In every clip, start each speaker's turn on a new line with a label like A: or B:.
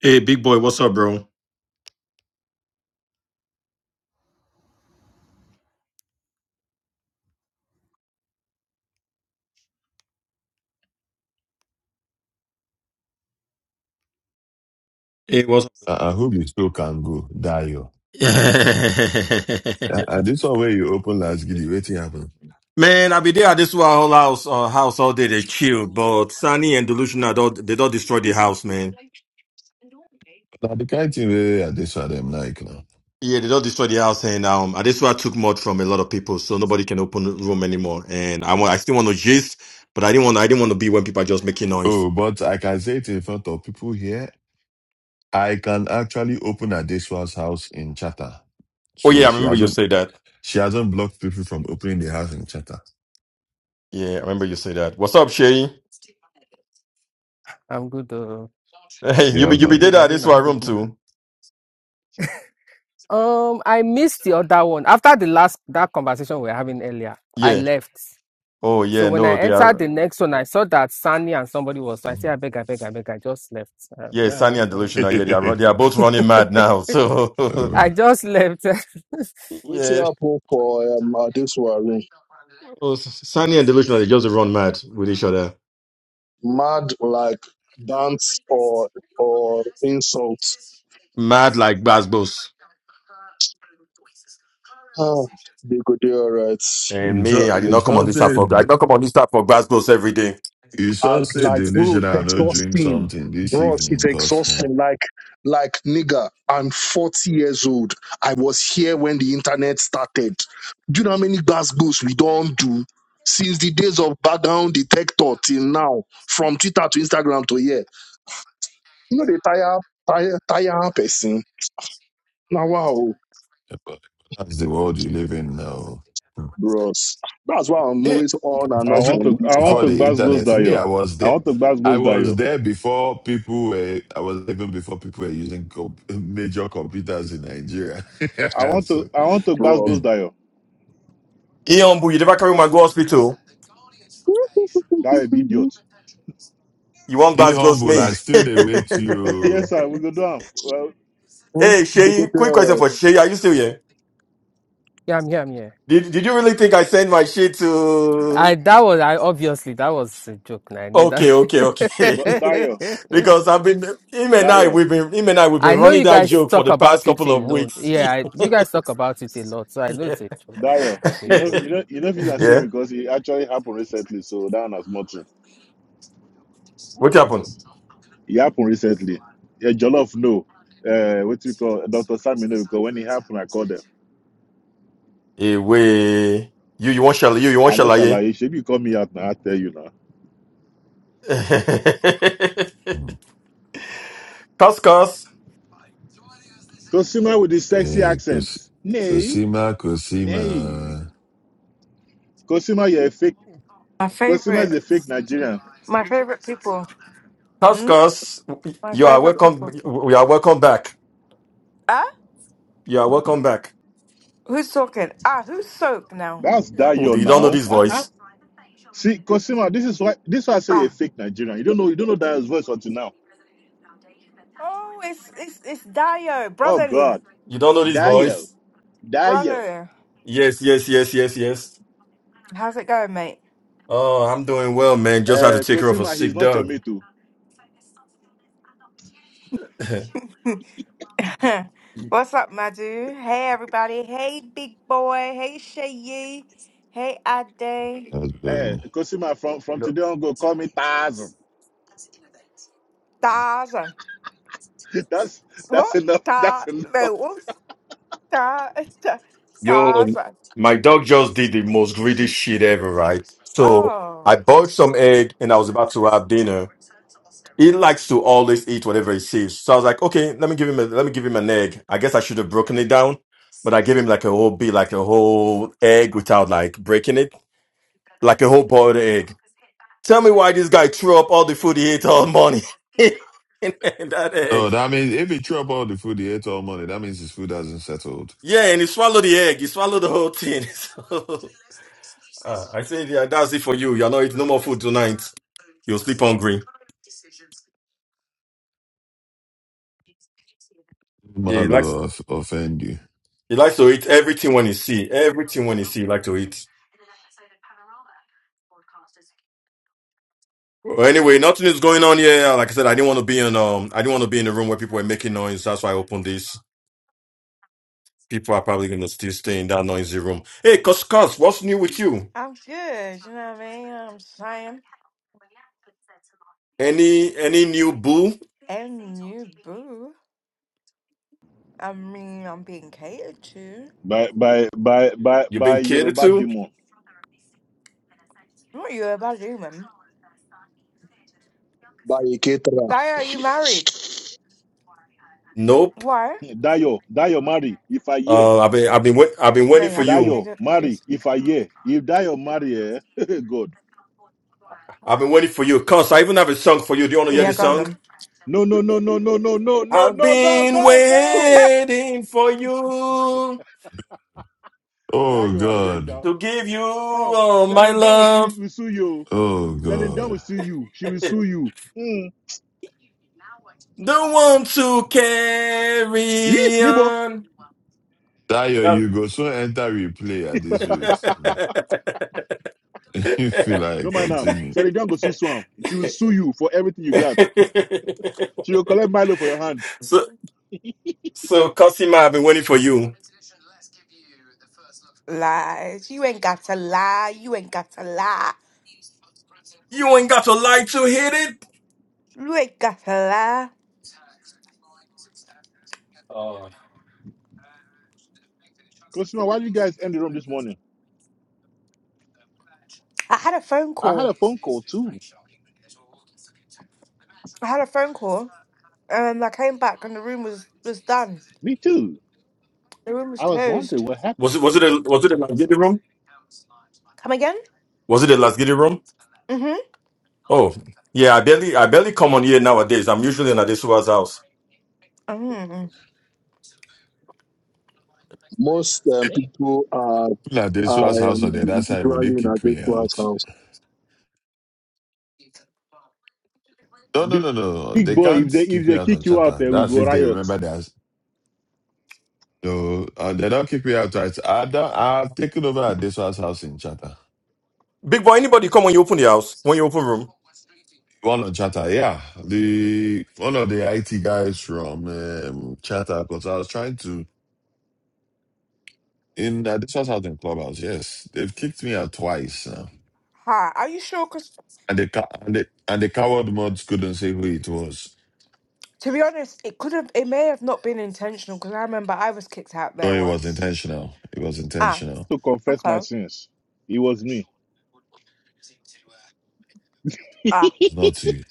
A: Hey, big boy, what's up, bro? It was
B: you. Ah, ah, this one where you open last giddy, waiting happen.
A: Man, I be there at this wa- whole house, uh, house all day. They chilled, but Sunny and Delusional, don't, they don't destroy the house, man.
B: Now the kind thing where I this one them like now.
A: Yeah, they don't destroy the house, and um, at this why I took mod from a lot of people, so nobody can open the room anymore. And I want, I still want to gist, but I didn't want, I didn't want to be when people are just making noise.
B: Oh, but I can say it in front of people here. I can actually open Adeswa's house in Chatter.
A: Oh yeah,
B: So
A: I
B: she
A: remember you
B: hasn't
A: say that.
B: she hasn't blocked people from opening the house in Chatter.
A: Yeah, I remember you say that. What's up, Shay?
C: I'm good. Uh,
A: Hey, you
B: Yeah,
C: good
A: be, you be
B: okay.
A: there
C: evening. I
A: at this
C: mean, and
A: one
C: good.
A: room
C: mo-
A: too.
C: Um, I missed the other one after the last that conversation we were having earlier. I
A: Yeah.
C: left.
A: Oh yeah,
C: So when
A: no,
C: I
A: they are.
C: entered the next one, I saw that Sunny and somebody was. So I said,
B: Mhm.
C: I beg, I beg, I beg. I just left. Uh,
A: Yeah,
C: yeah, I
A: Sani
C: was.
A: and
C: uh,
A: Delusional. Yeah, they are run- they are both running mad now. So
B: Oh,
C: I
B: well.
C: just left.
D: Waiting
A: yeah,
D: apple for um, this one.
A: so Sani and Delusional they just run mad with each other,
D: Mad like dance or or insult.
A: mad like Basbos.
D: Ah, they could do alright.
A: And
B: you
A: me,
B: should
A: I did
B: you
A: not come on
B: should
A: this app for I did not
B: say
A: come on this app for Basbos every day.
B: you
D: Uh,
B: should say
D: like bro, it's
B: delusional no drink
D: exhausting.
B: something this
D: Bros, it's
B: evening because
D: exhausting. Like like nigga, I'm 40 years old. I was here when the internet started. Do you know how many gas goes we don't do? Since the days of background detector till now, from Twitter to Instagram to here. You know the tire tire tire person Now, wow,
B: that's the world you live in now. Hmm.
D: bros. That's why I'm
B: Yeah,
D: always on and
E: I
B: as
D: off
B: you
E: want
B: were there
D: on
E: to
D: this
E: I want
D: app,
B: before
E: to
B: the
E: Glasgow's
B: internet, me, I
E: Dayo.
B: was
E: I
B: there.
E: want to
B: I
E: Glasgow's
B: was
E: Dayo.
B: there before people were. I was even before people were using com- major computers in Nigeria.
E: I want to
B: so,
E: I want to
D: bros.
B: hmm.
E: Glasgow's Dayo.
A: Iombu, you never carry my go hospital.
E: Dayo be idiot.
A: You want
B: he
A: Glasgow
B: humble.
A: me?
B: I still they wait you.
E: yes sir, we go do Well
A: hey, Shay, quick question
D: Decoterras
A: for Shay. Are you still here?
C: yeah, I'm here. I'm here.
A: Did, did you really think I sent my shit to?
C: I that was I obviously that was a joke. nah, I need that.
A: Okay, okay, okay.
E: but Dayo,
A: because I've been him and I
E: Dayo,
A: we've been him and I we've
C: I
A: been
C: know
A: running
C: you
A: that
C: guys
A: joke for
C: talk
A: the past
C: about it
A: couple of
C: alone.
A: weeks.
C: Yeah, I, you guys talk about it a lot, so I know
A: yeah.
C: it's a joke.
E: Dayo.
C: It's a
E: You know
C: joke.
E: you know you know if it's a
A: yeah.
E: shame because it actually happened recently, so that one has much.
A: What happened?
E: It happened recently. Yeah, Jollof no. Uh what we call Dr. Sammy no because when it happened I called them.
A: Hey, wait. You you want shall you you want
E: I know shall
A: shalaye?
E: I should you call me out now, I tell you now.
A: Cuscus,
E: Consumer with the sexy
B: Eh,
E: accent.
B: Kos-
E: Nay,
B: Kosima,
E: nay.
B: Kosima.
E: Consumer, you're a fake.
F: My
E: Cosima is a
F: favorite,
E: fake Nigerian.
F: my favorite people. Hmm?
A: Cuscus,
F: My
A: you are
F: favorite
A: welcome.
F: people.
A: We are welcome back.
F: Ah,
A: You are welcome back.
F: who's talking? Ah, who's soak now?
E: That's
A: Yeah, Oh,
E: Dayo
A: you don't know
E: now.
A: this
E: Ah
A: voice.
E: ah. See, Cosima, this is why this is why I say a
F: Ah,
E: fake Nigerian. You don't know you don't know Dayo's voice until now.
F: oh, it's it's it's Dio,
E: Oh
F: brotherly,
E: God,
A: You don't know this
E: Dayo,
A: voice?
E: Dayo.
F: brother.
A: Yes, yes, yes, yes, yes.
F: How's it going, mate?
A: Oh, I'm doing well, man. Just had to
E: Uh,
A: take care of a
E: Cosima, he's
A: sick
E: not your
A: dog.
E: mate too.
F: What's up, Madu? Hey, everybody. Hey, big boy. Hey, Shayi. Hey, Ade.
B: That's
E: Eh,
B: burn.
E: Cosima, from from today on, go call me Tazan.
F: Tarzan.
E: That's that's
F: What?
E: enough. That's
F: Ta?
E: enough.
F: No, what's Ta? Ta-
A: Yo,
F: Tarzan.
A: my dog just did the most greedy shit ever, right? So I
F: Oh,
A: bought some egg and I was about to have dinner. He likes to always eat whatever he sees. So I was like, okay, let me give him a, let me give him an egg. I guess I should have broken it down, but I gave him like a whole bit, like a whole egg without like breaking it, like a whole boiled egg. Tell me why this guy threw up all the food he ate all morning. and that
B: No,
A: egg.
B: that means if he threw up all the food he ate all morning, that means his food hasn't settled.
A: Yeah, and he swallowed the egg. He swallowed the whole thing. So, uh, I said, yeah, that's it for you. You're not eating no more food tonight. You'll sleep hungry. Yeah, he likes
B: Malo off- offend you.
A: he likes to eat everything when he see. Everything when he see, he likes to eat. Well, anyway, nothing is going on here. Like I said, I didn't want to be in um I didn't want to be in the room where people were making noise. That's why I opened this. People are probably gonna still stay in that noisy room. Hey, Cos Cos, what's new with you?
F: I'm good. You know what I mean? You know what I'm saying.
A: Any any new boo?
F: And you, boo. I mean, I'm being catered to.
E: By by by by
A: You've
E: by
A: been catered
E: Yoruba
A: to?
E: demon.
F: Not you, a bad human.
D: by Ketra.
F: Daya, are you married?
A: Nope.
F: Why?
E: Dayo, Dayo, marry if I hear.
A: Uh, I've been, I've been, wait, I've been
F: No,
A: waiting
F: you
A: for
F: haven't,
A: you.
E: Dayo,
F: nigga.
E: marry
F: Please.
E: if I hear. If Dayo marry, eh? God.
A: I've been waiting for you. Cause I even have a song for you. Do you want to hear
E: Oh
F: Yeah,
A: the
F: go on
E: God.
A: song?
F: then.
E: No, no, no, no, no, no, no, no, no,
A: I've
E: no,
A: been
E: no, no.
A: waiting for you
E: That
B: Oh
E: you are beg
B: God.
E: now.
A: to give you
E: Come,
A: all my
E: Celine down will sue,
A: love.
E: will sue you.
B: Oh
E: Celine down
B: God.
E: will sue you. She will sue you.
A: The one to
E: Yee,
A: carry
E: Nibo.
A: on.
B: Dayo, you go soon enter replay at this rate. Mm. you feel
E: No
B: like
E: mind now.
B: continue.
E: Celine down go sue Swam. She will sue you for everything you got. She will collect Milo for your hand.
A: so, so Cosima, I've been waiting for you.
F: Lies. You ain't got to lie. You ain't got to lie.
A: You ain't got to lie to hit
F: You ain't got to lie.
A: it.
E: Consumer, why do you guys end the room this morning?
F: I had a phone
E: I had a
F: call.
E: phone call too.
F: I had a phone call, and I came back, and the room was was done.
E: Me too.
F: The room was
E: I was wondering
F: closed.
E: what happened.
A: Was it was it a was it a Lasgidi room?
F: Come again?
A: Was it a Lasgidi room?
F: Mm-hmm.
A: Oh yeah, I barely I barely come on here nowadays. I'm usually in Adesuwa's house.
F: Mm-hmm.
D: Most um,
E: Damn.
D: people are,
B: Like this was
D: are
B: house on
D: um,
B: the other side, will they
D: usually in
B: kick me
D: Adequa's
B: out?
D: house.
B: No, no,
E: Big,
B: no, no. no.
E: big
B: They
E: boy, if
B: can't
E: they if
B: kick me
E: they
B: out on
E: kick you out
B: chatter.
E: there, we
B: That's
E: go
B: if they
E: riot.
B: remember their no, uh, they don't kick me out. Right? I don't, I've taken over at this one's house in Chatter.
A: Big boy, anybody come when you open the house? When you open room?
B: One on Chatter, yeah. The one of the IT guys from um, Chatter, because I was trying to in uh, this one's house in Clubhouse. Yes, they've kicked me out twice.
F: Hi. Are you sure? 'Cause
B: And the co- and the and the coward mods couldn't say who it was.
F: To be honest, it could have, it may have not been intentional because I remember I was kicked out
B: No,
F: there
B: it was
F: once.
B: intentional. It was
F: Ah,
B: intentional.
E: To confess my
F: okay.
E: sins. It was me.
F: Ah,
B: It's not you.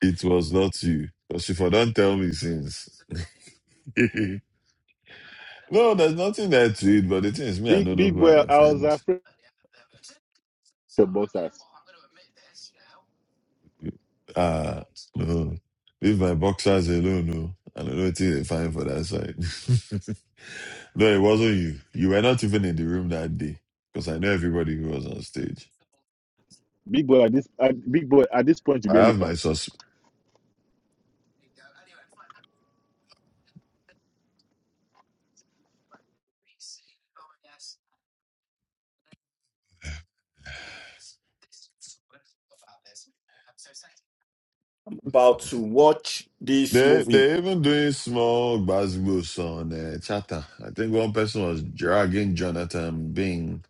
B: It was not you. Because if I don't tell me since. no, there's nothing there to it, but the thing is me, I
E: Big
B: don't know
E: big
B: who I
E: boy, I was
B: offend.
E: afraid. your boxers.
B: Ah no. Leave my boxers alone, no. I don't know what they fine for that side. no, it wasn't you. You were not even in the room that day. Because I know everybody who was on stage.
E: Big boy at this at, big boy at this point you be
B: I have my
E: elephant.
B: suspect.
A: About to watch this
B: They
A: movie.
B: they even doing small basketballs on uh, chatter. I think one person was dragging Jonathan Bing,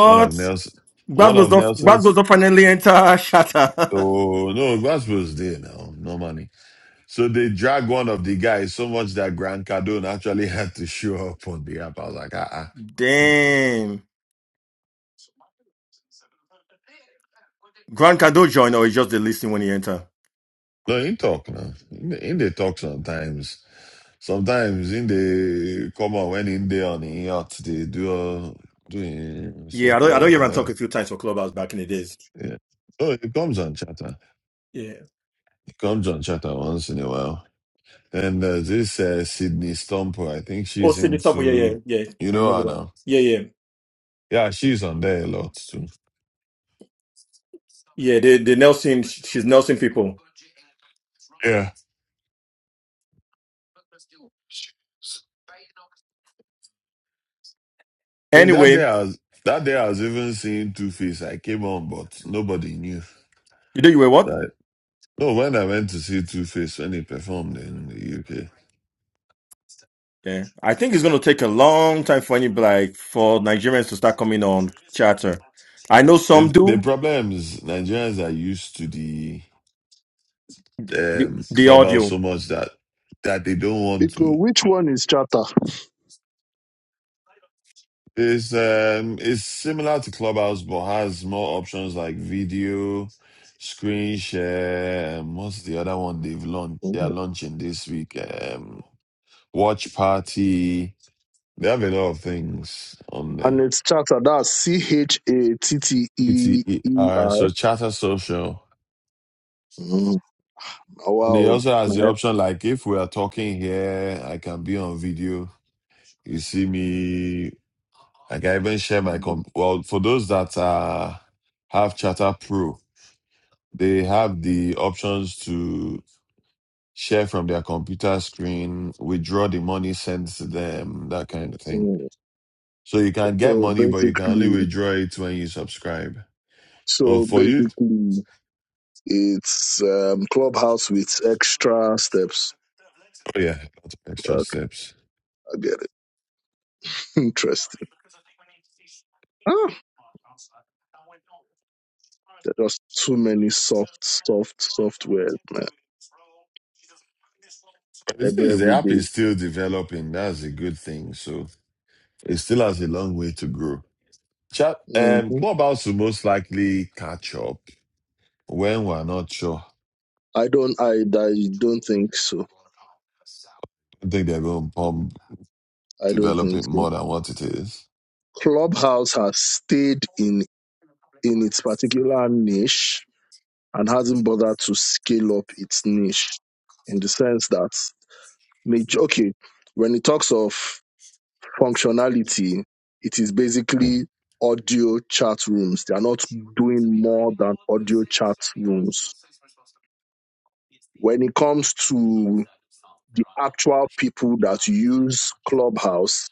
B: one of Nelson,
A: Gbaz
B: one
A: goes
B: of
A: off. not,
B: Nelson's.
A: goes off. finally enter Shatter.
B: Oh no, basketballs there now, no money. So they drag one of the guys so much that Grant Cardone actually had to show up on the app. I was like, ah, ah.
A: Damn. Grand, can do join or it's just the listening when he enter.
B: no, in talk now, in, in the talk sometimes. Sometimes in the come on when in there on the yacht they do uh, doing so
A: Yeah, I don't I
B: called
A: don't hear him
B: whatever.
A: talk a few times for Clubhouse back in the days.
B: Yeah. Oh, it comes on chatter.
A: Yeah.
B: It comes on chatter once in a while. And uh, this uh, Sydney Stomper, I think
A: Oh
B: she's
A: see the top yeah, yeah,
B: into,
A: yeah.
B: you
A: I
B: know
A: remember
B: her
A: that.
B: now.
A: Yeah, yeah.
B: Yeah, she's on there a lot too.
A: Yeah, the the Nelson she's Nelson people.
B: Yeah. I think that day
A: Anyway,
B: I was, that day I was even seeing Two Face. I came on, but nobody knew.
A: you know you were what?
B: So I- no, when I went to see Two Face when he performed in the UK,
A: Yeah. I think it's gonna take a long time for any like for Nigerians to start coming on chatter. I know some
B: it, the
A: do
B: problem is Nigerians are used to the
A: the,
B: um,
A: the
B: Clubhouse
A: audio.
B: so much that that they don't want
D: Because
B: to.
D: which one is Chatter?
B: It's um it's similar to Clubhouse but has more options like video, screen share. Um, what's the other one they've launched? They are
D: Oh.
B: launching this week. Um, watch party. They have a lot of things on
D: And
B: there.
D: it's Chatter. That's C H A T T E E
B: ETER, so
D: R.
B: Chatter Social.
D: Mm. Oh,
B: And they
D: Wow.
B: also
D: My
B: has the option like if we are talking here, I can be on video. You see me Like I can even share my
D: head.
B: comp. Well, for those that uh, have Chatter Pro, they have the options to share from their computer screen, withdraw the money sent to them, that kind of thing.
D: Mm.
B: So you can get
D: So
B: money, but you can only
D: basically,
B: withdraw it when you subscribe. Well,
D: so
B: for you,
D: basically. It's um, Clubhouse with extra steps.
B: oh yeah, lots of extra
D: Uh, I
B: steps.
D: get it. Interesting. Ah, there are just too many soft, soft, software, man.
B: But the thing
D: Every
B: is, the
D: every
B: app
D: day.
B: is still developing. That's a good thing. So it still has a long way to grow. Chat, um,
D: Mm-hmm.
B: Clubhouse will most likely catch up when we're not sure
D: I don't. I, I don't think so.
B: I think they're gonna pump
D: I don't
B: develop
D: think
B: it
D: so.
B: more than what it is.
D: Clubhouse has stayed in in its particular niche and hasn't bothered to scale up its niche in the sense that major. Okay, when it talks of functionality, it is
B: Yeah.
D: basically audio chat rooms. They are not doing more than audio chat rooms. When it comes to the actual people that use Clubhouse,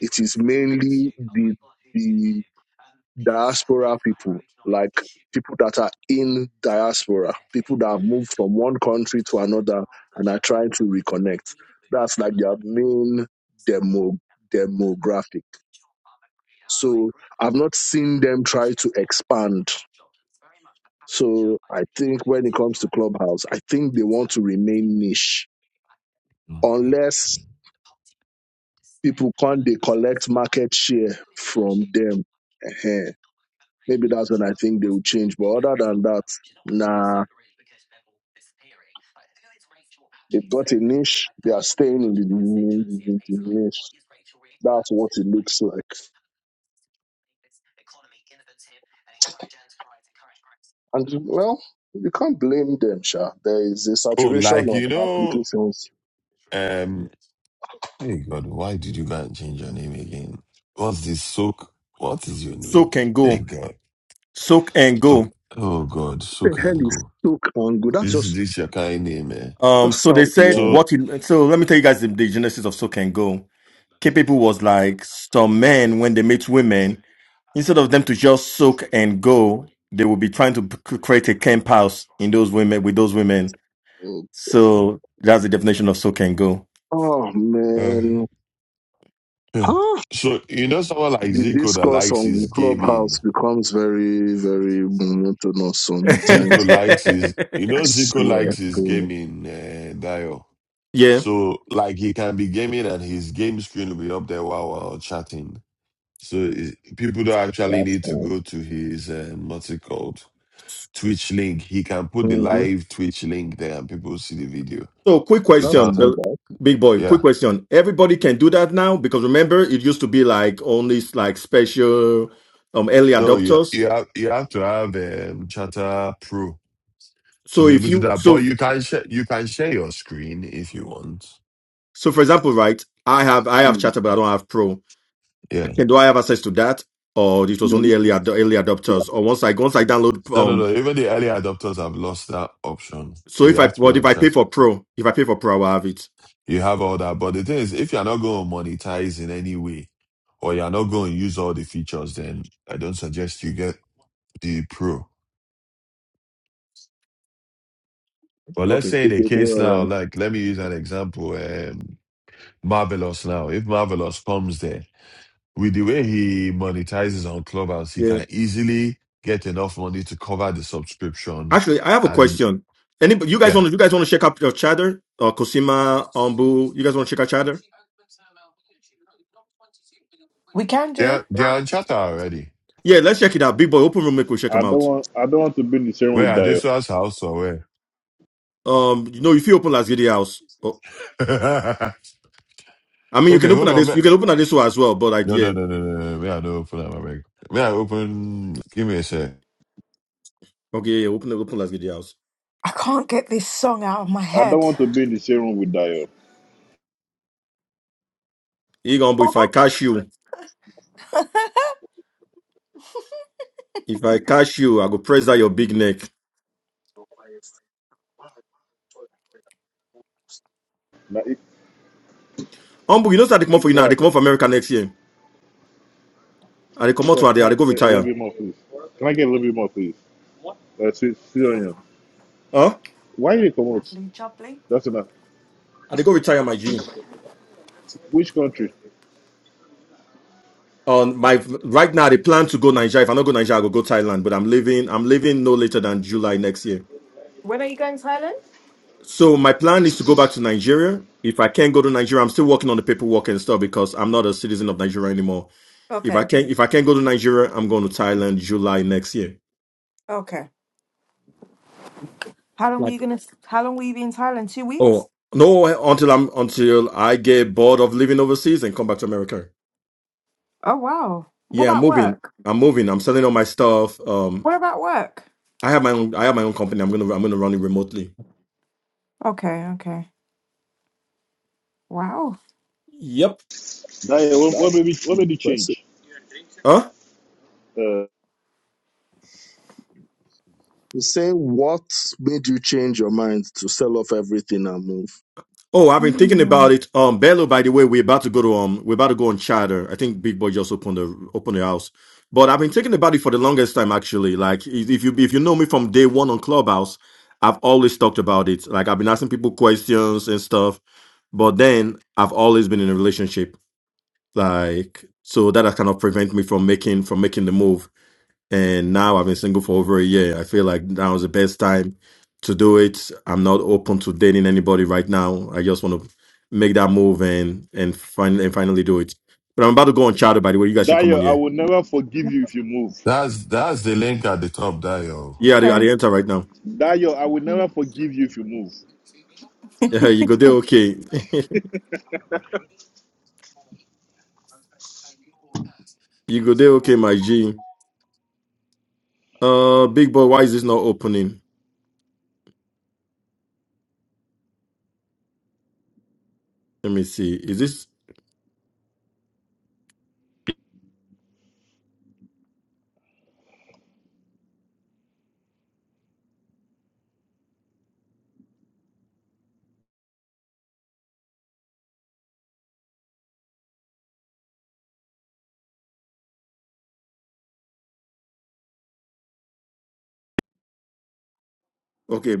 D: it is mainly the the diaspora people, like people that are in diaspora, people that have moved from one country to another and are trying to reconnect. That's like their main demo demographic. So I've not seen them try to expand. So I think when it comes to Clubhouse, I think they want to remain niche unless people can not they collect market share from them. Ehen. Maybe that's when I think they will change. But other than that, nah, they've got a niche. They are staying in the, in the niche. That's what it looks like. And well, you can't blame them, Sha. There is a
B: Oh,
D: saturation
B: like
D: of
B: you know,
D: applications.
B: um Hey God, why did you go and change your name again? What's this soak? What is your name?
A: Soak and
B: Hey
A: go.
B: God.
A: Soak and
B: Soak
A: go.
B: oh God,
D: The
B: soak
D: hell
B: and
D: is
B: go.
D: so and good. That's just
B: This this your kind name, man.
A: Um
D: Just
A: so they
D: sounds
A: said
D: wrong.
B: So
A: what in so let me tell you guys the, the genesis of Soak and Go capable was like some men when they meet women instead of them to just soak and go they will be trying to c- create a camp house in those women with those women so that's the definition of soak and go
D: Oh
B: uh,
D: man,
B: yeah.
D: huh?
B: So you know someone like
D: The
B: Zico that
D: discourse
B: likes his
D: on Clubhouse
B: gaming.
D: becomes very, very monotonous
B: Zico
D: sometimes.
B: likes his you
D: I
B: know Zico
D: swear
B: likes his
D: to
B: gaming, uh Dio.
A: yeah
B: So like he can be gaming and his game screen will be up there while we're all chatting. So it- people don't actually
D: that's
B: need to
D: not.
B: go to his um, what's it called Twitch link. He can put the
D: Mm-hmm.
B: live Twitch link there and people will see the video
A: so quick
D: That's
A: question
B: without.
D: not
A: Bill-
D: bad.
A: big boy quick
B: Yeah,
A: question everybody can do that now because remember it used to be like only like special um early
B: no, you
A: adopters
B: you have you have to have um, Chatter Pro to
A: so
B: be
A: if
B: able to do
A: you
B: that. But
A: so
B: you can share you can share your screen if you want.
A: so for example right i have i have
D: Mm,
A: Chatter, but i don't have pro
B: Yeah,
A: Okay, do I have access to that, or it
D: You
A: was
D: know,
A: only early ad- early
D: you
A: adopters? Or once I once I download,
B: no, no,
A: um,
B: no. Even the early adopters have lost that option,
A: so
B: so you
A: if I
B: have to be
A: what if
B: on
A: I pay
B: Chatter.
A: for Pro, if I pay for Pro, I will have it.
B: You have all that. But the thing is, if you're not going to monetize in any way, or you're not going to use all the features, then I don't suggest you get the pro. But let's
A: Okay,
B: say in
D: have
B: a
D: to go
B: case now,
D: around.
B: like let me use an example, um, Marvelous now. If Marvelous comes there, with the way he monetizes on Clubhouse, he
A: yeah.
B: can easily get enough money to cover the subscription.
A: Actually, I have a
B: And
A: question. Anybody, you guys
B: yeah,
A: want to you guys want to check out your chatter or Cosima Ombu? You guys want to check out chatter?
F: we can do.
B: they're, they're on chatter already.
A: Yeah, let's check it out. Big boy, open room, make we check
E: I
A: them
E: don't
A: out.
E: want. I don't want to be in the same room
B: Where
E: with
B: are they?
E: Dio.
B: Source house or where?
A: Um, you know, if you open Las Video House, oh, I mean, you can
B: okay,
A: open
B: hold
A: at this,
B: on.
A: you can open at this one as well. But like,
B: No, no,
A: yeah,
B: no, no, no. no. We are not open that, my man. We are open. Give me a sec.
A: okay, yeah, open open Las Video House.
F: I can't get this song out of my
E: I don't
F: head.
E: want to be in the same room with Dio.
A: Igombu, if I
F: Lovely
A: catch you, if I catch you, I go press that your big neck.
E: Now, if,
A: Humble, you know that they come out for you now.
E: why?
A: They come out for America next year. And they come out
E: Yeah,
A: to and they,
E: can I
A: and
E: eh,
A: they go
E: a little
A: retire.
E: bit more, please? Can I get a little bit more, please? Uh, see, see on
A: Huh?
E: Why you come out?
F: jubbly.
E: That's enough.
A: And they go retire my G.
E: Which country?
A: On my right now, they plan to go Nigeria. If I not go Nigeria, I go go Thailand. But I'm leaving. I'm leaving no later than July next year.
F: When are you going to Thailand?
A: So my plan is to go back to Nigeria. If I can't go to Nigeria, I'm still working on the paperwork and stuff because I'm not a citizen of Nigeria anymore. If I
F: Okay,
A: can't, if I can't go to Nigeria, I'm going to Thailand July next year.
F: okay. How long are you
A: Like,
F: gonna? How long will you be in Thailand? Two weeks?
A: oh no, until I'm until I get bored of living overseas and come back to America.
F: Oh wow. What
A: Yeah, I'm
F: about
A: moving.
F: work?
A: I'm moving. I'm selling all my stuff. Um,
F: What about work?
A: I have my own. I have my own company. I'm gonna. I'm gonna run it remotely.
F: Okay, okay. Wow.
A: Yep.
E: Dio, what, what
D: That's
E: made me, what made you
D: impressive.
E: change?
A: Huh?
E: Uh,
D: He's saying what made you change your mind to sell off everything and move?
A: Oh, I've been thinking about
F: Mm,
A: it. Um, Bello, by the way, we're about to go to um, we're about to go on charter. I think Big Boy just opened the opened the house. But I've been thinking about it for the longest time, actually. Like, if if you if you know me from day one on Clubhouse, I've always talked about it. Like, I've been asking people questions and stuff. But then I've always been in a relationship, like, so that has kind of prevent me from making from making the move and now I've been single for over a year. I feel like now is the best time to do it. I'm not open to dating anybody right now. I just want to make that move and and finally and finally do it. But I'm about to go on chatter. By the way, you guys should come
E: Dio,
A: on
E: I
A: here.
E: will never forgive you if you move.
B: That's that's the link at the top there, yo.
A: Yeah, I the, at
F: okay.
A: the enter right now.
E: Dio, I will never forgive you if you move.
A: Yeah, you go there, okay. you go there, okay, my G. Uh, big boy, why is this not opening? Let me see. Is this okay?